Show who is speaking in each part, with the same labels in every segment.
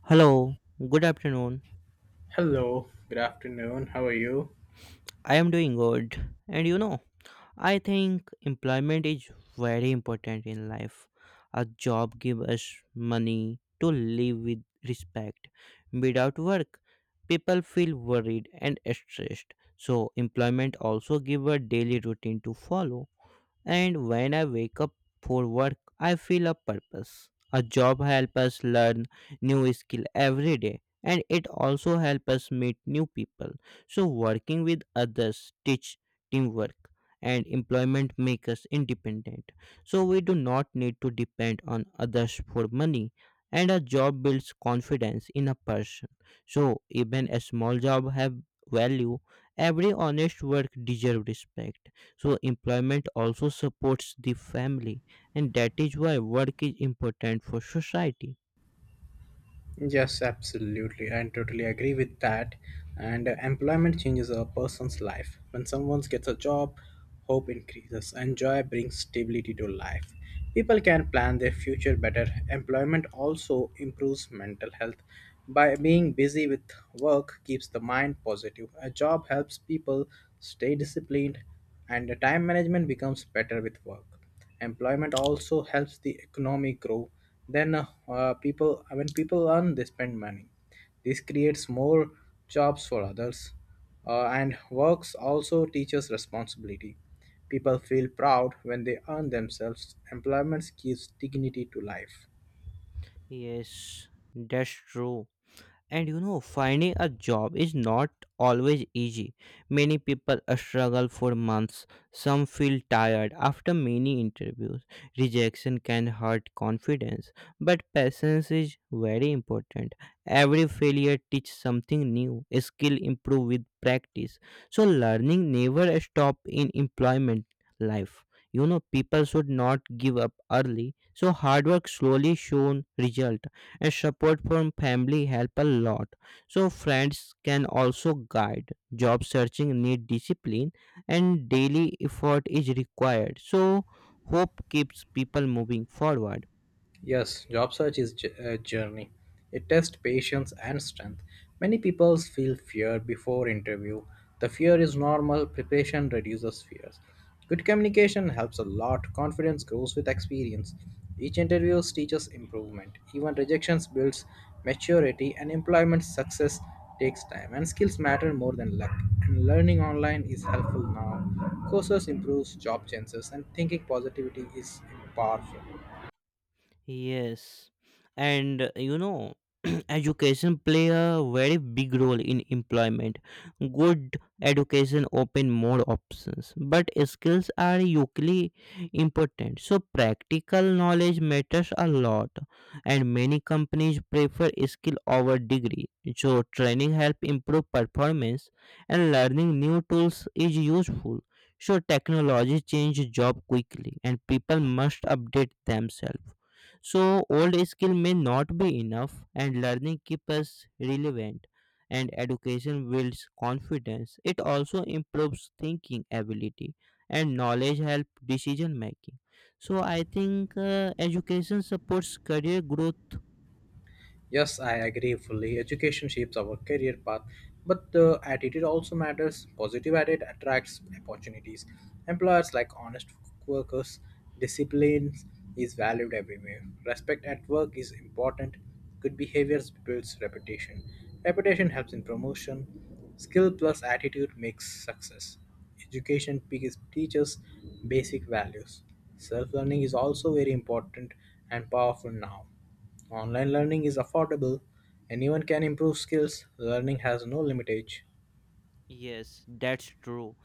Speaker 1: Hello, good afternoon.
Speaker 2: Hello, good afternoon. How are you?
Speaker 1: I am doing good. And you know, I think employment is very important in life. A job gives us money to live with respect. Without work, people feel worried and stressed. So, employment also gives a daily routine to follow. And when I wake up for work, I feel a purpose. A job helps us learn new skill every day and it also helps us meet new people. So working with others teach teamwork and employment makes us independent. So we do not need to depend on others for money and a job builds confidence in a person. So even a small job have value. Every honest work deserves respect so employment also supports the family and that is why work is important for society.
Speaker 2: Yes, absolutely. I totally agree with that. And employment changes a person's life. When someone gets a job, hope increases and joy brings stability to life. People can plan their future better. Employment also improves mental health. By being busy with work keeps the mind positive. A job helps people stay disciplined and time management becomes better with work. Employment also helps the economy grow then people when people earn they spend money. This creates more jobs for others. And works also teaches responsibility. People feel proud when they earn themselves. Employment gives dignity to life.
Speaker 1: Yes, that's true. And you know, finding a job is not always easy. Many people struggle for months. Some feel tired after many interviews. Rejection can hurt confidence, but patience is very important. Every failure teaches something new. Skill improve with practice. So learning never stop in employment life. You know, people should not give up early. So hard work slowly shown result, a support from family help a lot. So friends can also guide. Job searching need discipline and daily effort is required. So hope keeps people moving forward.
Speaker 2: Yes, job search is a journey. It tests patience and strength. Many people feel fear before interview. The fear is normal. Preparation reduces fears. Good communication helps a lot. Confidence grows with experience. Each interview teaches improvement. Even rejections builds maturity, and employment success takes time, and skills matter more than luck, and learning online is helpful now. Courses improves job chances and thinking positivity is powerful.
Speaker 1: Yes, and you know, education play a very big role in employment. Good education open more options, but skills are equally important. So practical knowledge matters a lot, and many companies prefer skill over degree. So training help improve performance, and learning new tools is useful. So technology change job quickly, and people must update themselves so old skill may not be enough and learning keeps us relevant and education builds confidence. It also improves thinking ability and knowledge help decision making. So I think education supports career growth.
Speaker 2: Yes, I agree fully. Education shapes our career path, but the attitude also matters. Positive attitude attracts opportunities. Employers like honest workers, discipline is valued everywhere. Respect at work is important. Good behaviors builds reputation. Reputation helps in promotion. Skill plus attitude makes success. Education teaches basic values. Self learning is also very important and powerful now. Online learning is affordable; anyone can improve skills; learning has no limit age.
Speaker 1: Yes, that's true.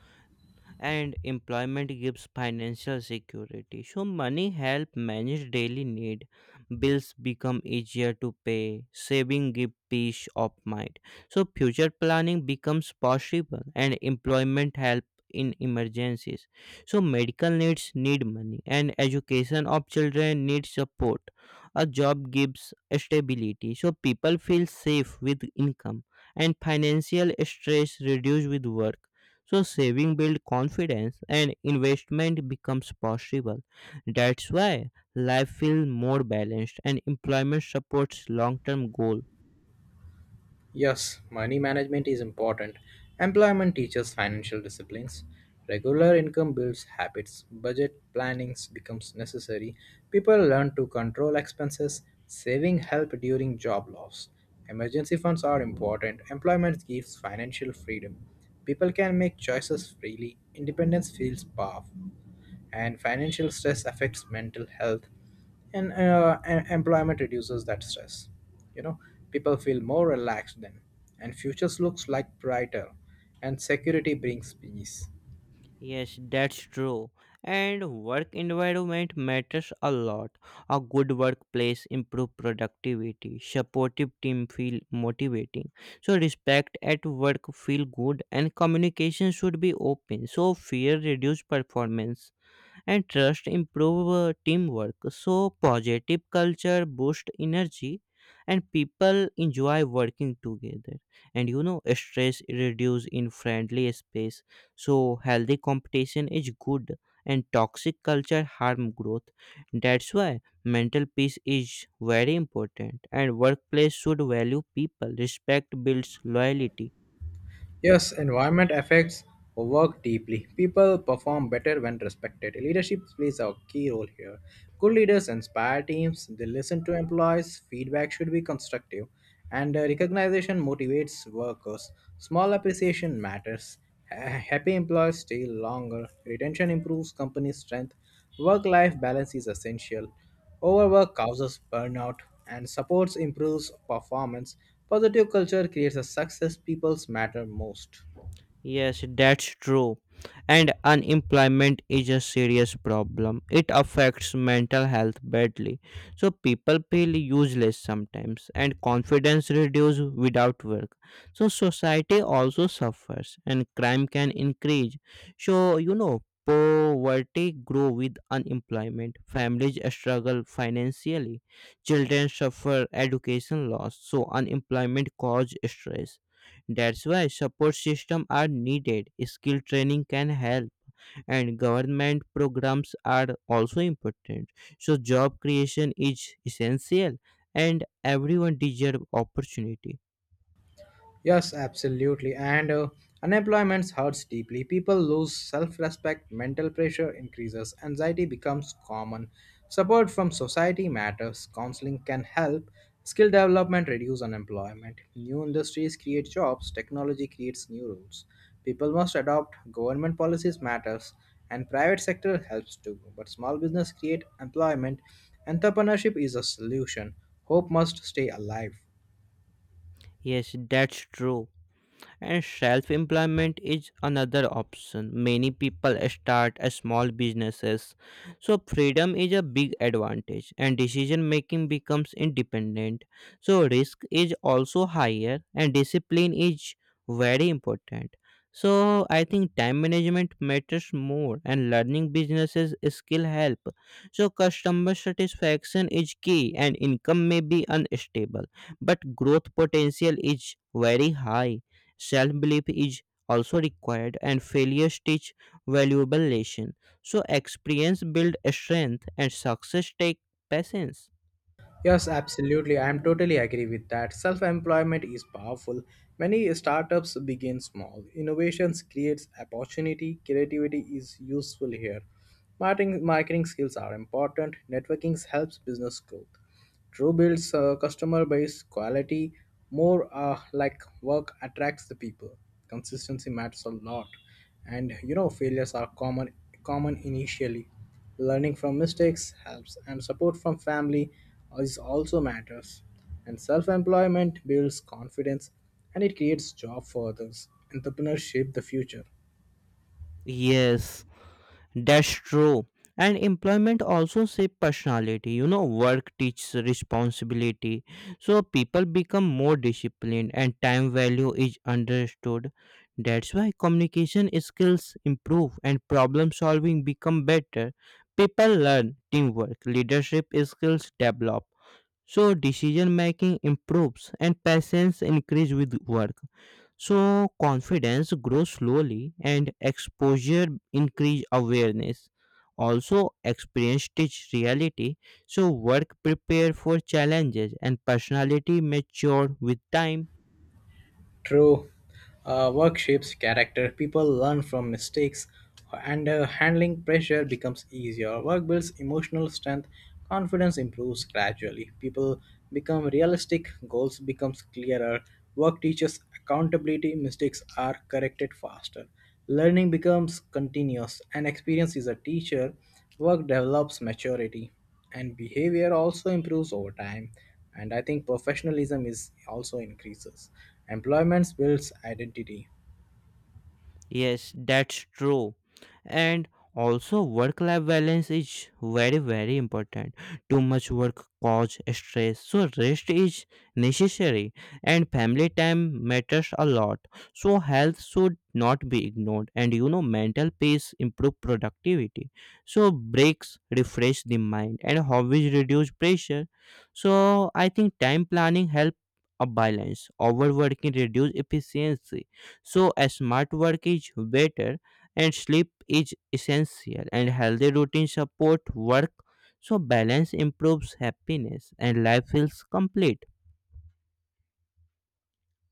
Speaker 1: And employment gives financial security, so money help manage daily need, bills become easier to pay, saving give peace of mind. So future planning becomes possible and employment help in emergencies. So medical needs need money and education of children need support. A job gives stability so people feel safe with income and financial stress reduced with work. So saving builds confidence and investment becomes possible. That's why life feels more balanced and employment supports long-term goal.
Speaker 2: Yes, money management is important. Employment teaches financial disciplines. Regular income builds habits. Budget planning becomes necessary. People learn to control expenses. Saving help during job loss. Emergency funds are important. Employment gives financial freedom. People can make choices freely. Independence feels powerful. And financial stress affects mental health, and employment reduces that stress, you know. People feel more relaxed then, and futures looks like brighter, and security brings peace.
Speaker 1: Yes, that's true. And work environment matters a lot. A good workplace improve productivity. Supportive team feel motivating. So respect at work feel good and communication should be open. So fear reduce performance, and trust improve teamwork. So positive culture boost energy and people enjoy working together. And you know, stress reduce in friendly space. So healthy competition is good and toxic culture harm growth. That's why mental peace is very important and workplace should value people, respect builds loyalty.
Speaker 2: Yes, environment affects work deeply. People perform better when respected. Leadership plays a key role here. Good leaders inspire teams, they listen to employees, feedback should be constructive, and recognition motivates workers. Small appreciation matters. Happy employees stay longer, retention improves company strength, work life balance is essential. Overwork causes burnout and supports improves performance. Positive culture creates a success, people matter most.
Speaker 1: Yes, that's true. And unemployment is a serious problem. It affects mental health badly. So people feel useless sometimes and confidence reduces without work. So society also suffers and crime can increase. So, you know, poverty grow with unemployment, families struggle financially, children suffer education loss. So unemployment cause stress. That's why support systems are needed. Skill training can help, and government programs are also important. So job creation is essential, and everyone deserves opportunity.
Speaker 2: Yes, absolutely. And unemployment hurts deeply. People lose self respect, mental pressure increases, anxiety becomes common. Support from society matters, counseling can help, skill development reduce unemployment. New industries create jobs, technology creates new rules. People must adopt government policies matters, and private sector helps too. But small business create employment. Entrepreneurship is a solution. Hope must stay alive.
Speaker 1: Yes, that's true. And self employment is another option. Many people start a small businesses. So freedom is a big advantage and decision making becomes independent. So risk is also higher and discipline is very important. So I think time management matters more and learning businesses skill help. So customer satisfaction is key and income may be unstable, but growth potential is very high. Self belief is also required, and failures teach valuable lesson. So experience build strength, and success take patience.
Speaker 2: Yes, absolutely. I am totally agree with that. Self-employment is powerful. Many startups begin small. Innovations creates opportunity. Creativity is useful here. Marketing skills are important. Networking helps business growth. True builds a customer base quality more work attracts the people. Consistency matters a lot, and you know failures are common initially. Learning from mistakes helps, and support from family is also matters. And self-employment builds confidence, and it creates job for others. Entrepreneurs shape the future.
Speaker 1: Yes. That's true. And employment also shape personality. You know, work teaches responsibility. So people become more disciplined and time value is understood. That's why communication skills improve and problem solving become better. People learn teamwork, leadership skills develop. So decision making improves and patience increase with work. So confidence grows slowly and exposure increase awareness. Also experience teach reality. So work prepare for challenges and personality mature with time.
Speaker 2: True, work shapes character. People learn from mistakes, and handling pressure becomes easier. Work builds emotional strength. Confidence improves gradually. People become realistic. Goals becomes clearer. Work teaches accountability. Mistakes are corrected faster. Learning becomes continuous, and experience is a teacher. Work develops maturity, and behavior also improves over time, and I think professionalism is also increases. Employment builds identity.
Speaker 1: Yes, that's true. And also, work life balance is very, very important. Too much work causes stress, so rest is necessary, and family time matters a lot. So health should not be ignored, and you know, mental peace improve productivity. So breaks refresh the mind, and hobbies reduce pressure. So I think time planning help a balance. Overworking reduce efficiency, so a smart work is better, and sleep is essential, and healthy routine support work. So balance improves happiness, and life feels complete.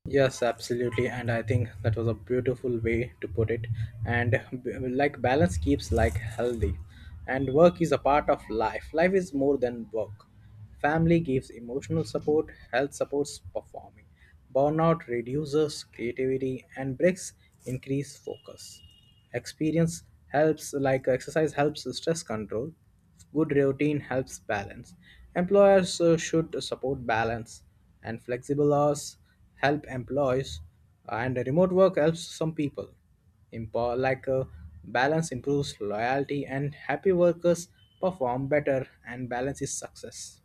Speaker 2: Yes, absolutely. And I think that was a beautiful way to put it. And balance keeps like healthy. And work is a part of life. Life is more than work. Family gives emotional support, health supports performing. Burnout reduces creativity and breaks increase focus. Experience helps like exercise helps stress control. Good routine helps balance. Employers should support balance, and flexible hours help employees, and remote work helps some people. Impo- like uh, Balance improves loyalty, and happy workers perform better, and balance is success.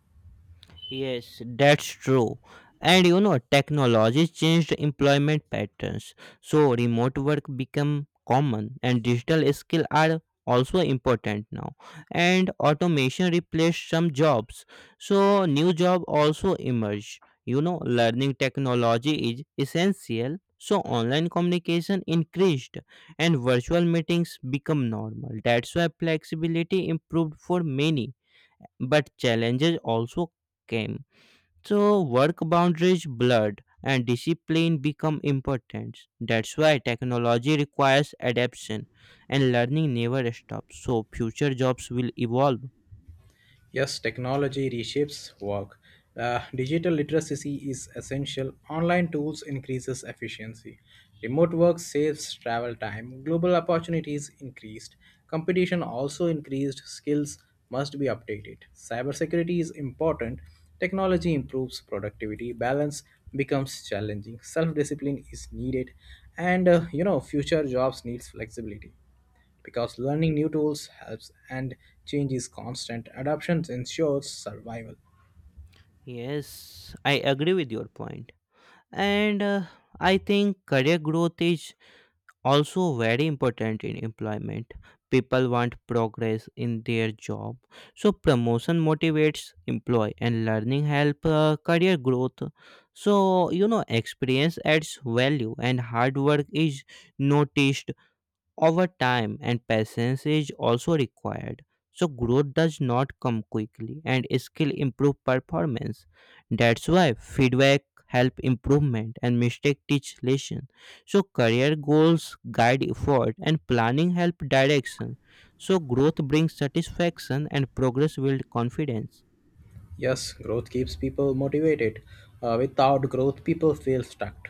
Speaker 1: Yes, that's true. And you know, technology changed employment patterns. So remote work become common and digital skill are also important now. And automation replaced some jobs. So new job also emerge. You know, learning technology is essential. So online communication increased and virtual meetings become normal. That's why flexibility improved for many, but challenges also came. So work boundaries blurred and discipline become important. That's why technology requires adaptation and learning never stops. So future jobs will evolve.
Speaker 2: Yes, technology reshapes work. Digital literacy is essential. Online tools increases efficiency. Remote work saves travel time. Global opportunities increased. Competition also increased. Skills must be updated. Cybersecurity is important. Technology improves productivity. Balance becomes challenging. Self-discipline is needed, and you know future jobs needs flexibility. Because learning new tools helps and change is constant, adoption ensures survival.
Speaker 1: Yes, I agree with your point. And I think career growth is also very important in employment. People want progress in their job. So promotion motivates employee and learning help career growth. So you know, experience adds value and hard work is noticed over time, and patience is also required. So growth does not come quickly and skill improve performance. That's why feedback help improvement and mistake teach lesson. So career goals guide effort and planning help direction. So growth brings satisfaction and progress build confidence.
Speaker 2: Yes, growth keeps people motivated. Without growth, people feel stuck.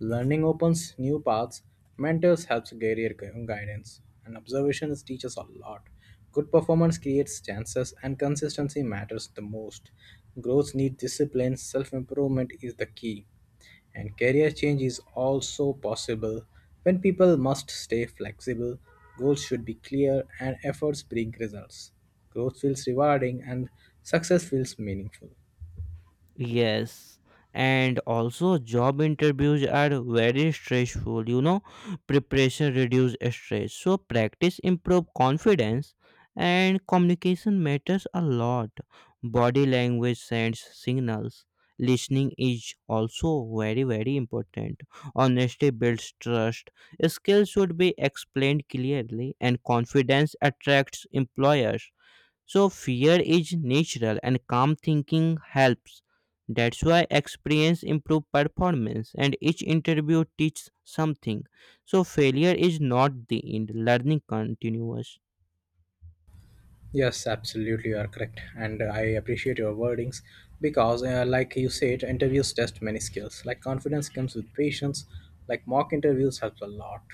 Speaker 2: Learning opens new paths, mentors helps career guidance, and observations teach us a lot. Good performance creates chances, and consistency matters the most. Growth needs discipline, self improvement is the key. And career change is also possible when people must stay flexible, goals should be clear, and efforts bring results. Growth feels rewarding, and success feels meaningful.
Speaker 1: Yes, and also job interviews are very stressful. You know, preparation reduce stress, so practice improve confidence, and communication matters a lot. Body language sends signals. Listening is also very very important. Honesty builds trust. Skills should be explained clearly, and confidence attracts employers. So fear is natural and calm thinking helps. That's why experience improve performance and each interview teaches something. So failure is not the end, learning continues.
Speaker 2: Yes, absolutely, you are correct, and I appreciate your wordings because, like you said, interviews test many skills. Like confidence comes with patience. Like mock interviews helps a lot.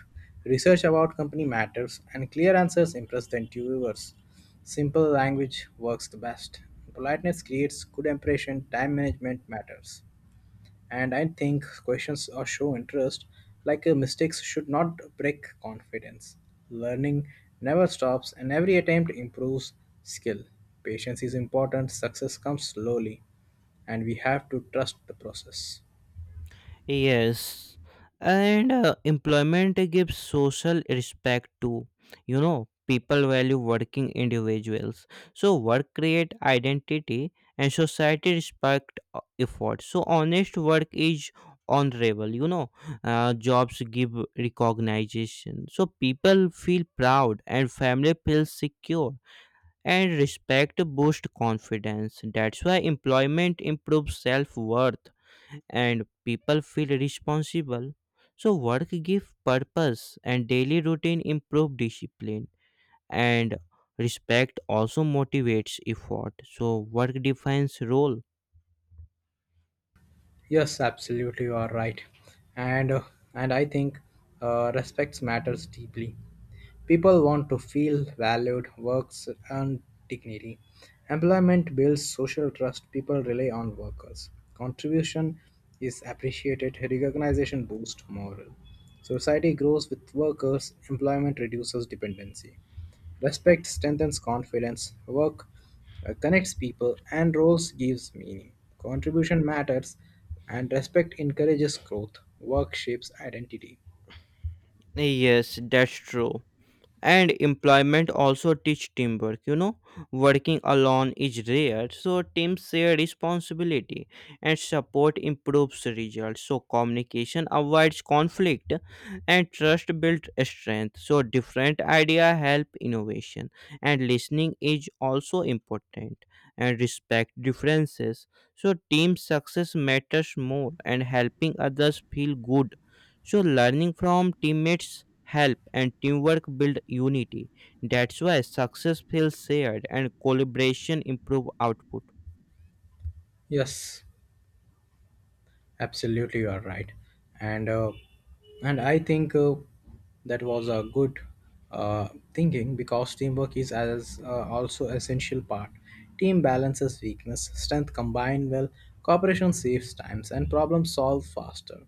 Speaker 2: Research about company matters, and clear answers impress the interviewers. Simple language works the best. Politeness creates good impression. Time management matters, and I think questions or show interest, like mistakes, should not break confidence. Learning never stops, and every attempt improves skill. Patience is important, success comes slowly, and we have to trust the process.
Speaker 1: Yes, and employment gives social respect too. You know, people value working individuals. So work create identity and society respect effort. So honest work is honorable. You know, jobs give recognition, so people feel proud and family feels secure. And respect boosts confidence. That's why employment improves self worth and people feel responsible. So work gives purpose and daily routine improve discipline, and respect also motivates effort. So work defines role.
Speaker 2: Yes, absolutely, you are right, and uh, and I think respects matters deeply. People want to feel valued, works and dignity. Employment builds social trust. People rely on workers. Contribution is appreciated. Recognition boosts morale. Society grows with workers. Employment reduces dependency. Respect strengthens confidence, work connects people, and roles gives meaning. Contribution matters, and respect encourages growth. Work shapes identity.
Speaker 1: Yes, that's true. And employment also teach teamwork. You know, working alone is rare, so teams share responsibility and support improves results. So communication avoids conflict and trust builds strength. So different idea help innovation and listening is also important, and respect differences. So team success matters more and helping others feel good. So learning from teammates help and teamwork build unity. That's why success feels shared and collaboration improve output.
Speaker 2: Yes, absolutely, you are right, and uh, and I think that was a good uh, thinking because teamwork is as also essential part. Team balances weakness, strength combine well, cooperation saves times, and problems solve faster.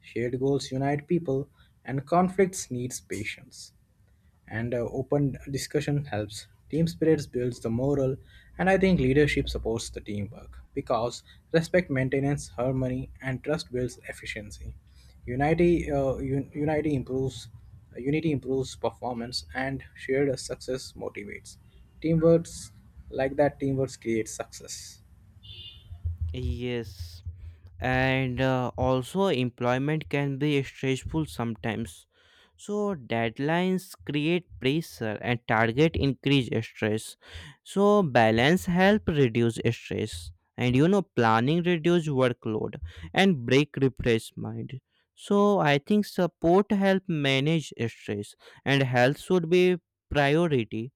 Speaker 2: Shared goals unite people, and conflicts needs patience, and open discussion helps. Team spirit builds the morale, and I think leadership supports the teamwork because respect maintains harmony and trust builds efficiency. Unity, uh, un- unity improves, Unity improves performance, and shared success motivates. Teamwork like that, teamwork creates success.
Speaker 1: Yes. And also employment can be stressful sometimes. So deadlines create pressure and target increase stress. So balance help reduce stress, and you know, planning reduce workload and break refresh mind. So I think support help manage stress and health should be priority.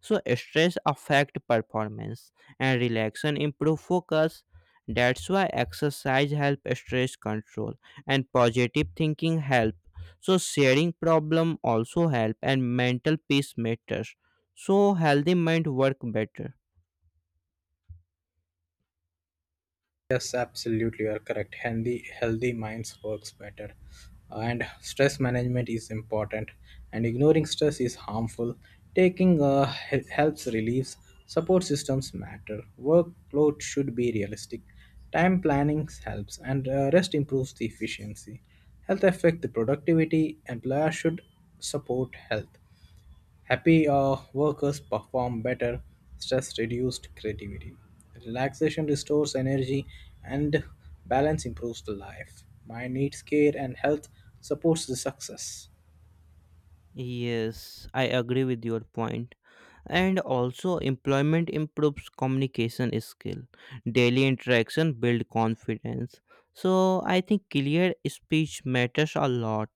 Speaker 1: So stress affect performance and relaxation improve focus. That's why exercise help stress control and positive thinking help. So sharing problem also help and mental peace matters. So healthy mind work better.
Speaker 2: Yes, absolutely, you are correct. Healthy minds works better, and stress management is important. And ignoring stress is harmful. Taking helps relieves. Support systems matter. Workload should be realistic. Time planning helps, and rest improves the efficiency. Health affect the productivity. Employer should support health. Happy workers perform better, stress reduced creativity, relaxation restores energy, and balance improves the life. Mind needs care, and health supports the success.
Speaker 1: Yes, I agree with your point. And also employment improves communication skill. Daily interaction build confidence. So I think clear speech matters a lot,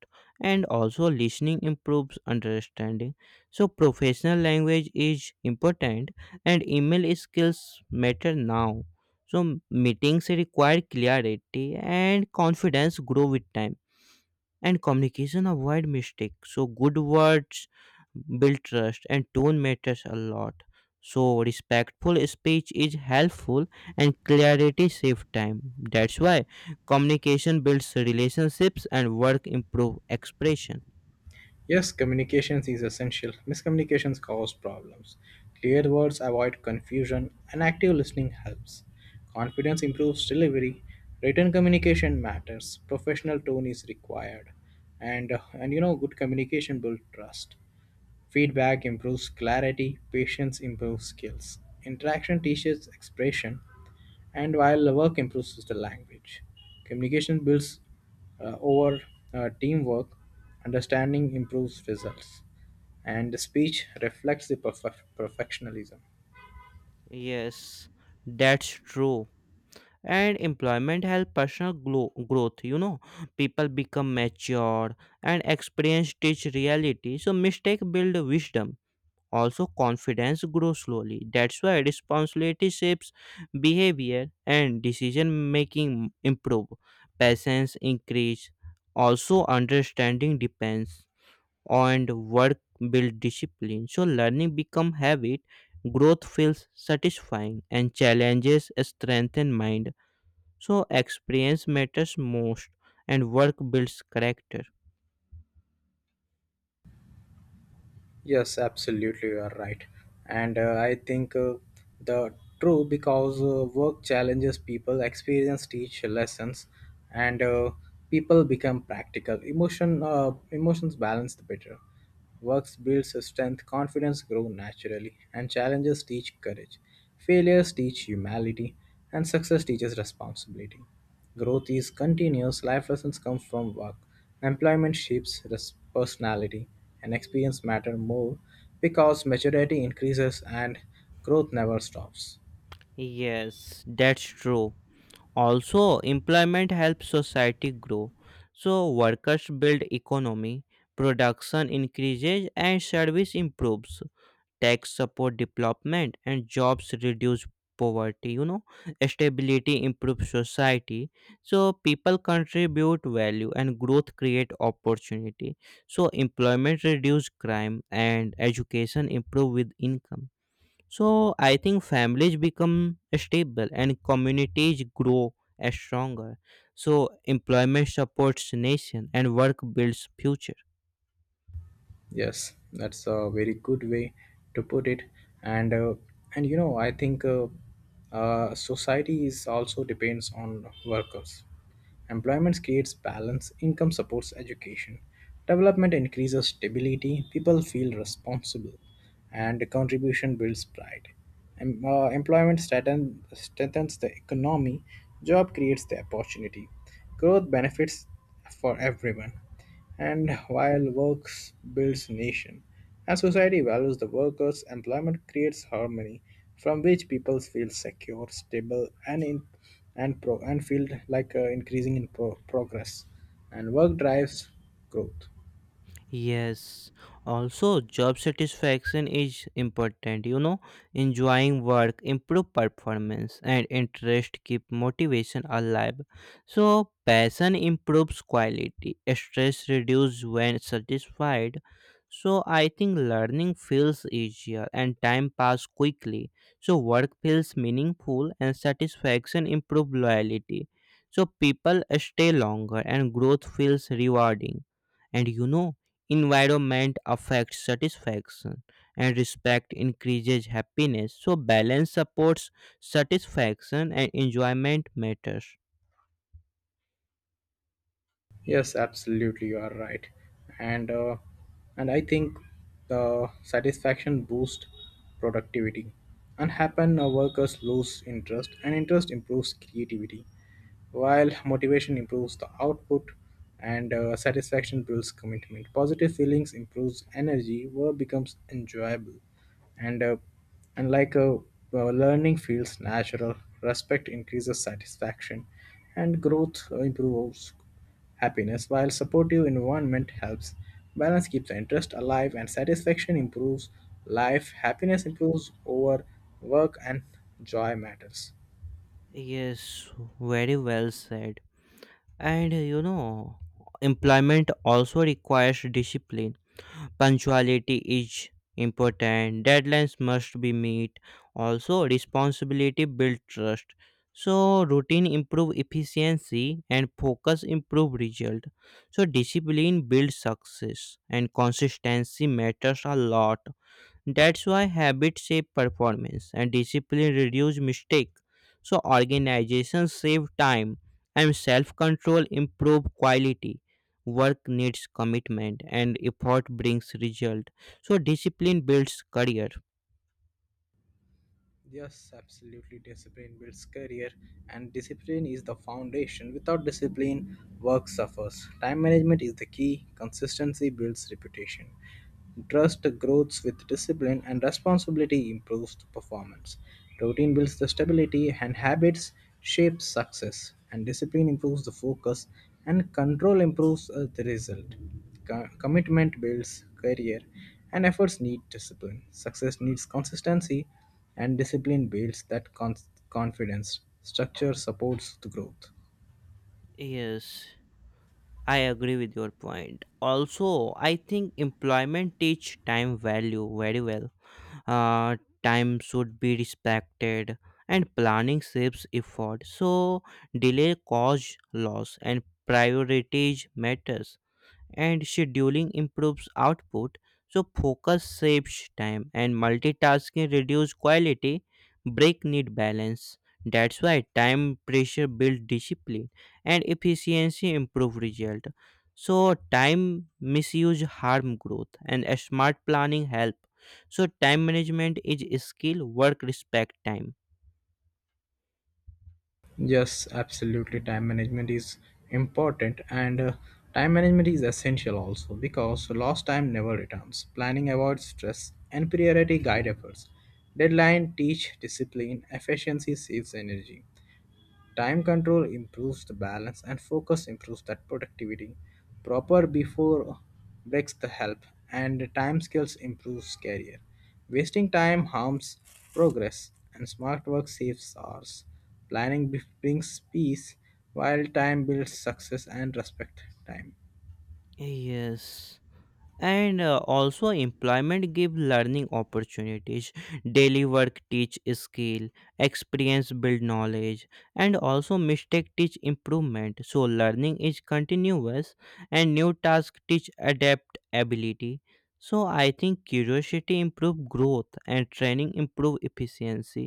Speaker 1: and also listening improves understanding. So professional language is important and email skills matter now. So meetings require clarity and confidence grow with time, and communication avoid mistake. So good words build trust and tone matters a lot. So respectful speech is helpful and clarity save time. That's why communication builds relationships and work improve expression.
Speaker 2: Yes, communications is essential. Miscommunications cause problems. Clear words avoid confusion, and active listening helps. Confidence improves delivery. Written communication matters. Professional tone is required, and you know good communication builds trust. Feedback improves clarity, patience improves skills, interaction teaches expression, and while the work improves the language. Communication builds over teamwork, understanding improves results, and speech reflects the perfectionism.
Speaker 1: Yes, that's true. And employment help personal growth. You know, people become mature and experience teach reality. So mistake build wisdom. Also, confidence grows slowly. That's why responsibility shapes behavior and decision making improve. Patience increase. Also, understanding depends and work build discipline. So learning become habit, growth feels satisfying and challenges strengthen mind. So experience matters most and work builds character.
Speaker 2: Yes, absolutely, you are right. And I think the true because work challenges people, experience teach lessons, and people become practical. Emotions balance the better. Works builds strength, confidence grow naturally, and challenges teach courage. Failures teach humility, and success teaches responsibility. Growth is continuous. Life lessons come from work. Employment shapes personality, and experience matter more because maturity increases and growth never stops.
Speaker 1: Yes, that's true. Also, employment helps society grow. So workers build economy, production increases and service improves. Tax support development and jobs reduce poverty. You know, stability improves society. So people contribute value and growth create opportunity. So employment reduce crime and education improve with income. So I think families become stable and communities grow as stronger. So employment supports nation and work builds future.
Speaker 2: Yes, that's a very good way to put it. And uh, and you know, I think society is also depends on workers. Employment creates balance, income supports education, development increases stability, people feel responsible, and contribution builds pride. Employment strengthens the economy, job creates the opportunity, growth benefits for everyone. And while works builds nation, as society values the workers, employment creates harmony from which people feel secure, stable, and in, and pro, and feel like increasing in pro, progress. And work drives growth.
Speaker 1: Yes, also job satisfaction is important. You know, enjoying work improve performance and interest keep motivation alive. So passion improves quality, stress reduce when satisfied. So I think learning feels easier and time pass quickly. So work feels meaningful and satisfaction improve loyalty. So people stay longer and growth feels rewarding. And you know, environment affects satisfaction and respect increases happiness. So balance supports satisfaction and enjoyment matters.
Speaker 2: Yes, absolutely, you are right, and uh, and I think the satisfaction boosts productivity. Unhappy workers lose interest, and interest improves creativity, while motivation improves the output, and satisfaction builds commitment. Positive feelings improves energy. Work becomes enjoyable, and uh, and learning feels natural. Respect increases satisfaction, and growth improves happiness while supportive environment helps balance keeps the interest alive and satisfaction improves life happiness improves over work and joy matters.
Speaker 1: Yes, very well said. And you know, employment also requires discipline. Punctuality is important. Deadlines must be met. Also responsibility build trust, so routine improve efficiency and focus improve result. So discipline builds success and consistency matters a lot. That's why habit save performance and discipline reduce mistake. So organization save time and self-control improve quality. Work needs commitment and effort brings result. So discipline builds career.
Speaker 2: Yes, absolutely. Discipline builds career, and discipline is the foundation. Without discipline, work suffers. Time management is the key, consistency builds reputation. Trust grows with discipline, and responsibility improves the performance. Routine builds the stability, and habits shape success. And discipline improves the focus, and control improves the result. Commitment builds career, and efforts need discipline. Success needs consistency and discipline builds that confidence. Structure supports the growth.
Speaker 1: Yes, I agree with your point. Also, I think employment teach time value very well. uh, Time should be respected and planning saves effort, so delay cause loss and priorities matters, and scheduling improves output. So focus saves time and multitasking reduces quality. Break need balance. That's why time pressure builds discipline and efficiency improve result. So time misuse harm growth and a smart planning help. So time management is skill, work respect time.
Speaker 2: Yes, absolutely. Time management is important, and time management is essential also because lost time never returns. Planning avoids stress, and priority guide efforts. Deadline teach discipline. Efficiency saves energy. Time control improves the balance and focus improves that productivity. Proper before breaks the help and time skills improves career. Wasting time harms progress and smart work saves hours. Brings peace while time builds success and respect time.
Speaker 1: Yes, and also employment give learning opportunities. Daily work teach skill, experience build knowledge, and also mistake teach improvement. So learning is continuous and new task teach adapt ability. So I think curiosity improve growth and training improve efficiency.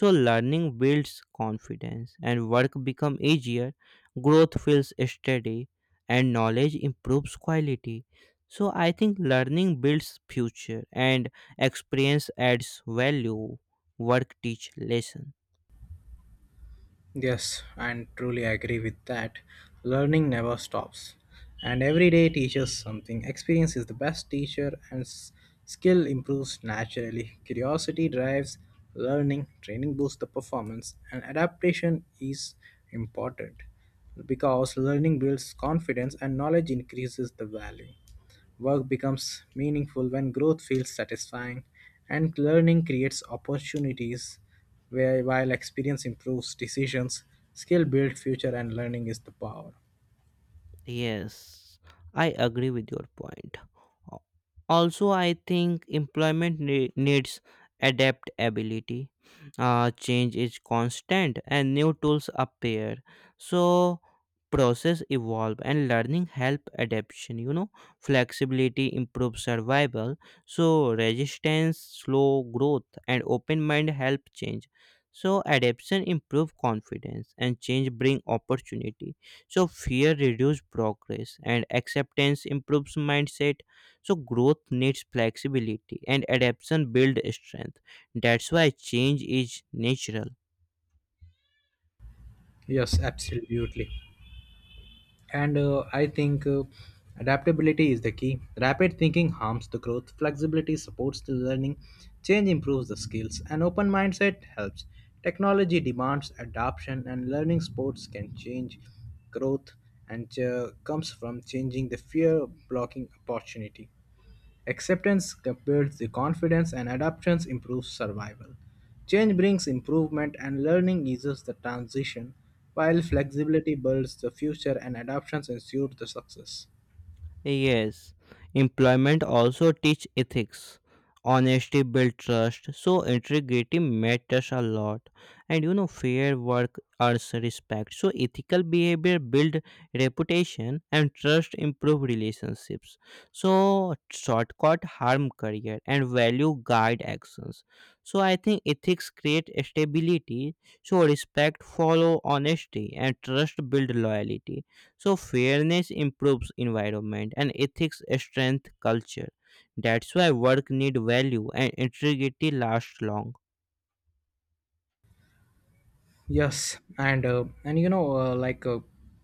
Speaker 1: So learning builds confidence and work become easier. Growth feels steady and knowledge improves quality. So I think learning builds future and experience adds value, work teach lesson.
Speaker 2: Yes, and truly agree with that. Learning never stops, and every day teaches something. Experience is the best teacher, and skill improves naturally. Curiosity drives learning, training boosts the performance, and adaptation is important because learning builds confidence and knowledge increases the value. Work becomes meaningful when growth feels satisfying, and learning creates opportunities where, while experience improves decisions, skill builds future, and learning is the power.
Speaker 1: Yes, I agree with your point. Al- Also, I think employment needs adaptability. Change is constant and new tools appear. So process evolve and learning help adaptation, you know. Flexibility improves survival, so resistance slow growth and open mind help change. So adaptation improve confidence and change bring opportunity. So fear reduces progress and acceptance improves mindset. So growth needs flexibility and adaptation builds strength. That's why change is natural.
Speaker 2: Yes, absolutely. And I think adaptability is the key. Rapid thinking harms the growth, flexibility supports the learning, change improves the skills, and open mindset helps. Technology demands adoption, and learning sports can change growth and comes from changing the fear of blocking opportunity. Acceptance builds the confidence and adaptation improves survival. Change brings improvement and learning eases the transition, while flexibility builds the future and adaptations ensure the success.
Speaker 1: Yes, employment also teach ethics. Honesty build trust, so integrity matters a lot. And you know, fair work earns respect. So ethical behavior build reputation and trust improve relationships. So shortcut harm career and value guide actions. So I think ethics create stability. So respect follow honesty and trust build loyalty. So fairness improves environment and ethics strength culture. That's why work need value and integrity lasts long.
Speaker 2: Yes, and you know, uh, like uh,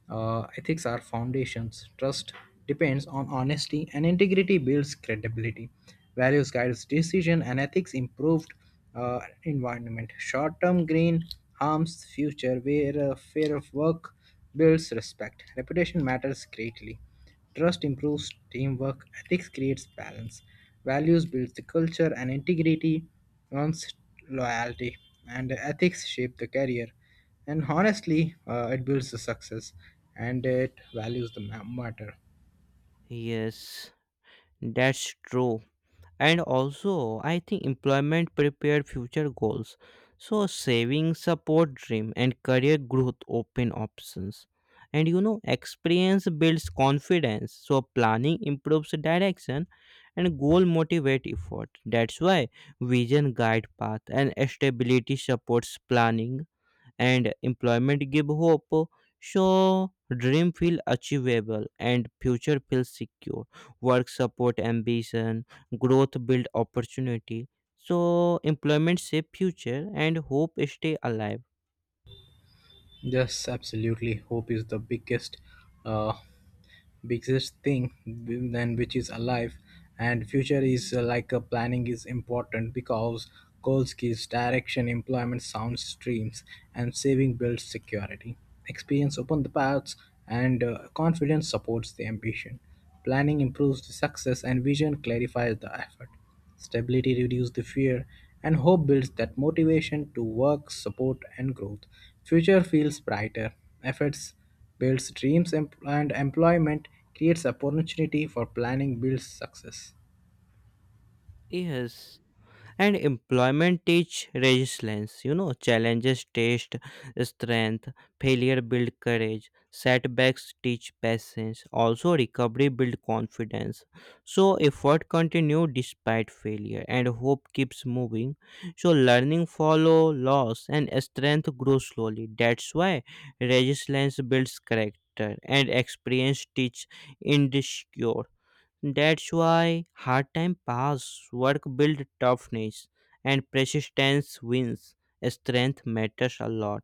Speaker 2: uh, ethics are foundations. Trust depends on honesty, and integrity builds credibility. Values guides decision, and ethics improved environment. Short-term green harms future, where fear of work builds respect. Reputation matters greatly. Trust improves teamwork, ethics creates balance, values builds the culture, and integrity earns loyalty. And ethics shape the career, and honestly, it builds the success, and it values the matter.
Speaker 1: Yes, that's true. And also I think employment prepare future goals. So saving support dream and career growth open options. And you know, experience builds confidence, so planning improves direction and goal motivate effort. That's why vision guide path and stability supports planning and employment give hope. So dream feel achievable and future feels secure. Work support ambition, growth build opportunity. So employment save future and hope stay alive.
Speaker 2: Yes, absolutely. Hope is the biggest uh, biggest thing then which is alive and future is like a planning is important because goals gives direction employment sounds streams and saving builds security experience open the paths and confidence supports the ambition planning improves the success and vision clarifies the effort. Stability reduces the fear, and hope builds that motivation to work, support, and growth. Future feels brighter. Efforts builds dreams, and employment creates opportunity for planning builds success.
Speaker 1: Yes, and employment teach resilience, you know. Challenges test strength, failure build courage, setbacks teach patience, also recovery build confidence. So effort continue despite failure and hope keeps moving. So learning follow loss and strength grows slowly. That's why resilience builds character and experience teach endurance. That's why hard time pass, work build toughness, and persistence wins. Strength matters a lot.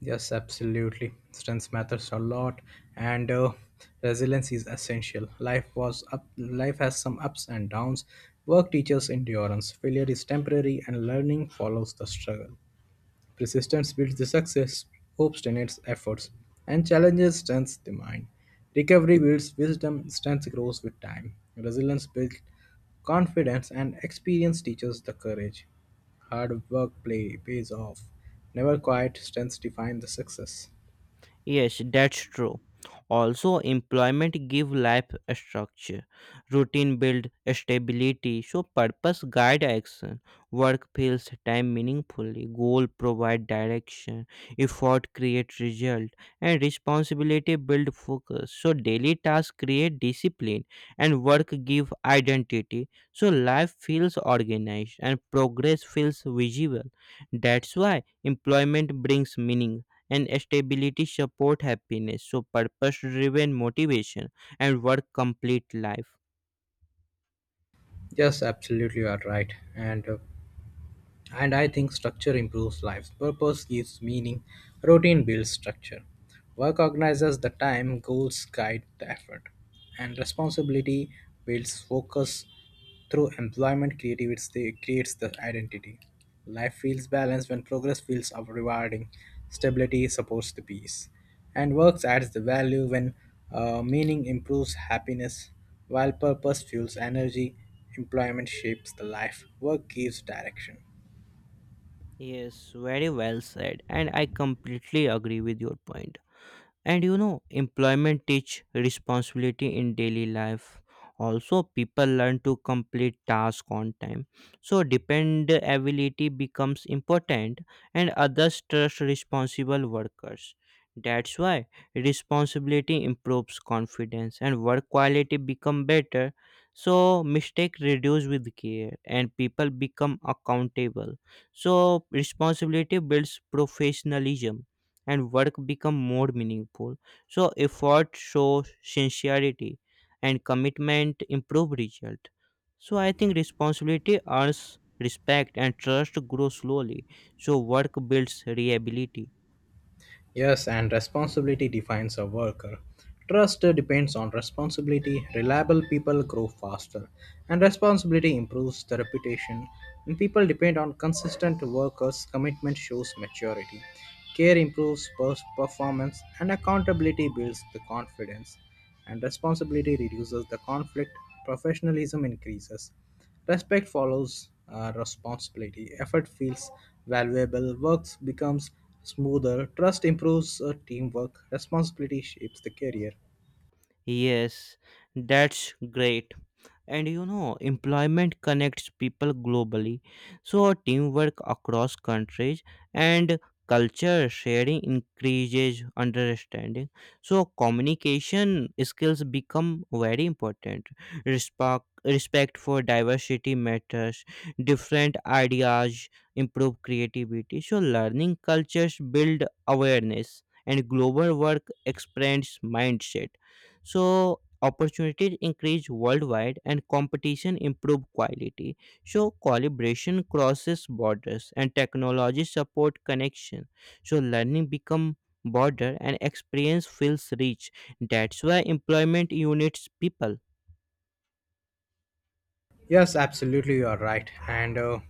Speaker 2: Yes, absolutely. Strength matters a lot, and resilience is essential. Life was up. Life has some ups and downs. Work teaches endurance. Failure is temporary, and learning follows the struggle. Persistence builds the success, hope sustains efforts, and challenges strengthens the mind. Recovery builds wisdom, strength grows with time. Resilience builds confidence, and experience teaches the courage. Hard work play pays off. Never quiet, strengths define the success.
Speaker 1: Yes, that's true. Also, employment give life a structure. Routine build stability. So purpose guide action. Work fills time meaningfully. Goal provide direction. Effort create result. And responsibility build focus. So daily tasks create discipline and work give identity. So life feels organized and progress feels visible. That's why employment brings meaning and stability support happiness. So purpose driven motivation and work complete life.
Speaker 2: Yes, absolutely, you are right. And I think structure improves lives. Purpose gives meaning. Routine builds structure. Work organizes the time. Goals guide the effort. And responsibility builds focus. Through employment, creativity creates the identity. Life feels balanced when progress feels rewarding. Stability supports the peace. And works adds the value when meaning improves happiness, while purpose fuels energy. Employment shapes the life. Work gives direction.
Speaker 1: Yes, very well said, and I completely agree with your point. And you know, employment teach responsibility in daily life. Also people learn to complete tasks on time, so dependability becomes important and others trust responsible workers. That's why responsibility improves confidence and work quality become better. So mistake reduce with care and people become accountable. So responsibility builds professionalism and work become more meaningful. So effort shows sincerity and commitment improve result. So I think responsibility earns respect and trust grows slowly. So work builds reliability.
Speaker 2: Yes, and responsibility defines a worker. Trust depends on responsibility. Reliable people grow faster, and responsibility improves the reputation. When people depend on consistent workers, commitment shows maturity. Care improves performance, and accountability builds the confidence. And responsibility reduces the conflict. Professionalism increases. Respect follows responsibility. Effort feels valuable. Work becomes smoother. Trust improves teamwork. Responsibility shapes the career.
Speaker 1: Yes, that's great. And you know, employment connects people globally. So teamwork across countries and culture sharing increases understanding. So communication skills become very important. Respect for diversity matters. Different ideas improve creativity. So learning cultures build awareness and global work expands mindset. So opportunities increase worldwide and competition improve quality. So collaboration crosses borders and technology support connection. So learning become border and experience feels rich. That's why employment units people.
Speaker 2: Yes, absolutely, you are right. And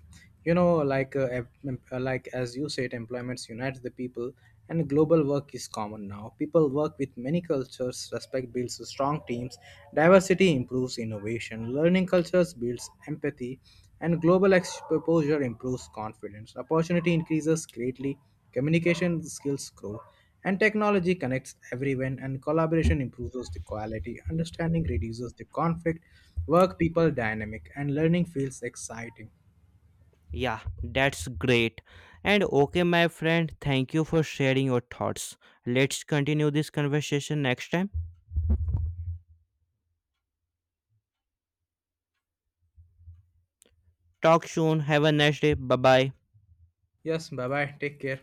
Speaker 2: you know, like em- em- like as you said, employments unites the people, and global work is common now. People work with many cultures. Respect builds strong teams. Diversity improves innovation. Learning cultures builds empathy, and global exposure improves confidence. Opportunity increases greatly. Communication skills grow. And technology connects everyone, and collaboration improves the quality, understanding reduces the conflict, work people dynamic, and learning feels exciting.
Speaker 1: Yeah, that's great. And okay, my friend, thank you for sharing your thoughts. Let's continue this conversation next time. Talk soon. Have a nice day. Bye bye.
Speaker 2: Yes, bye bye. Take care.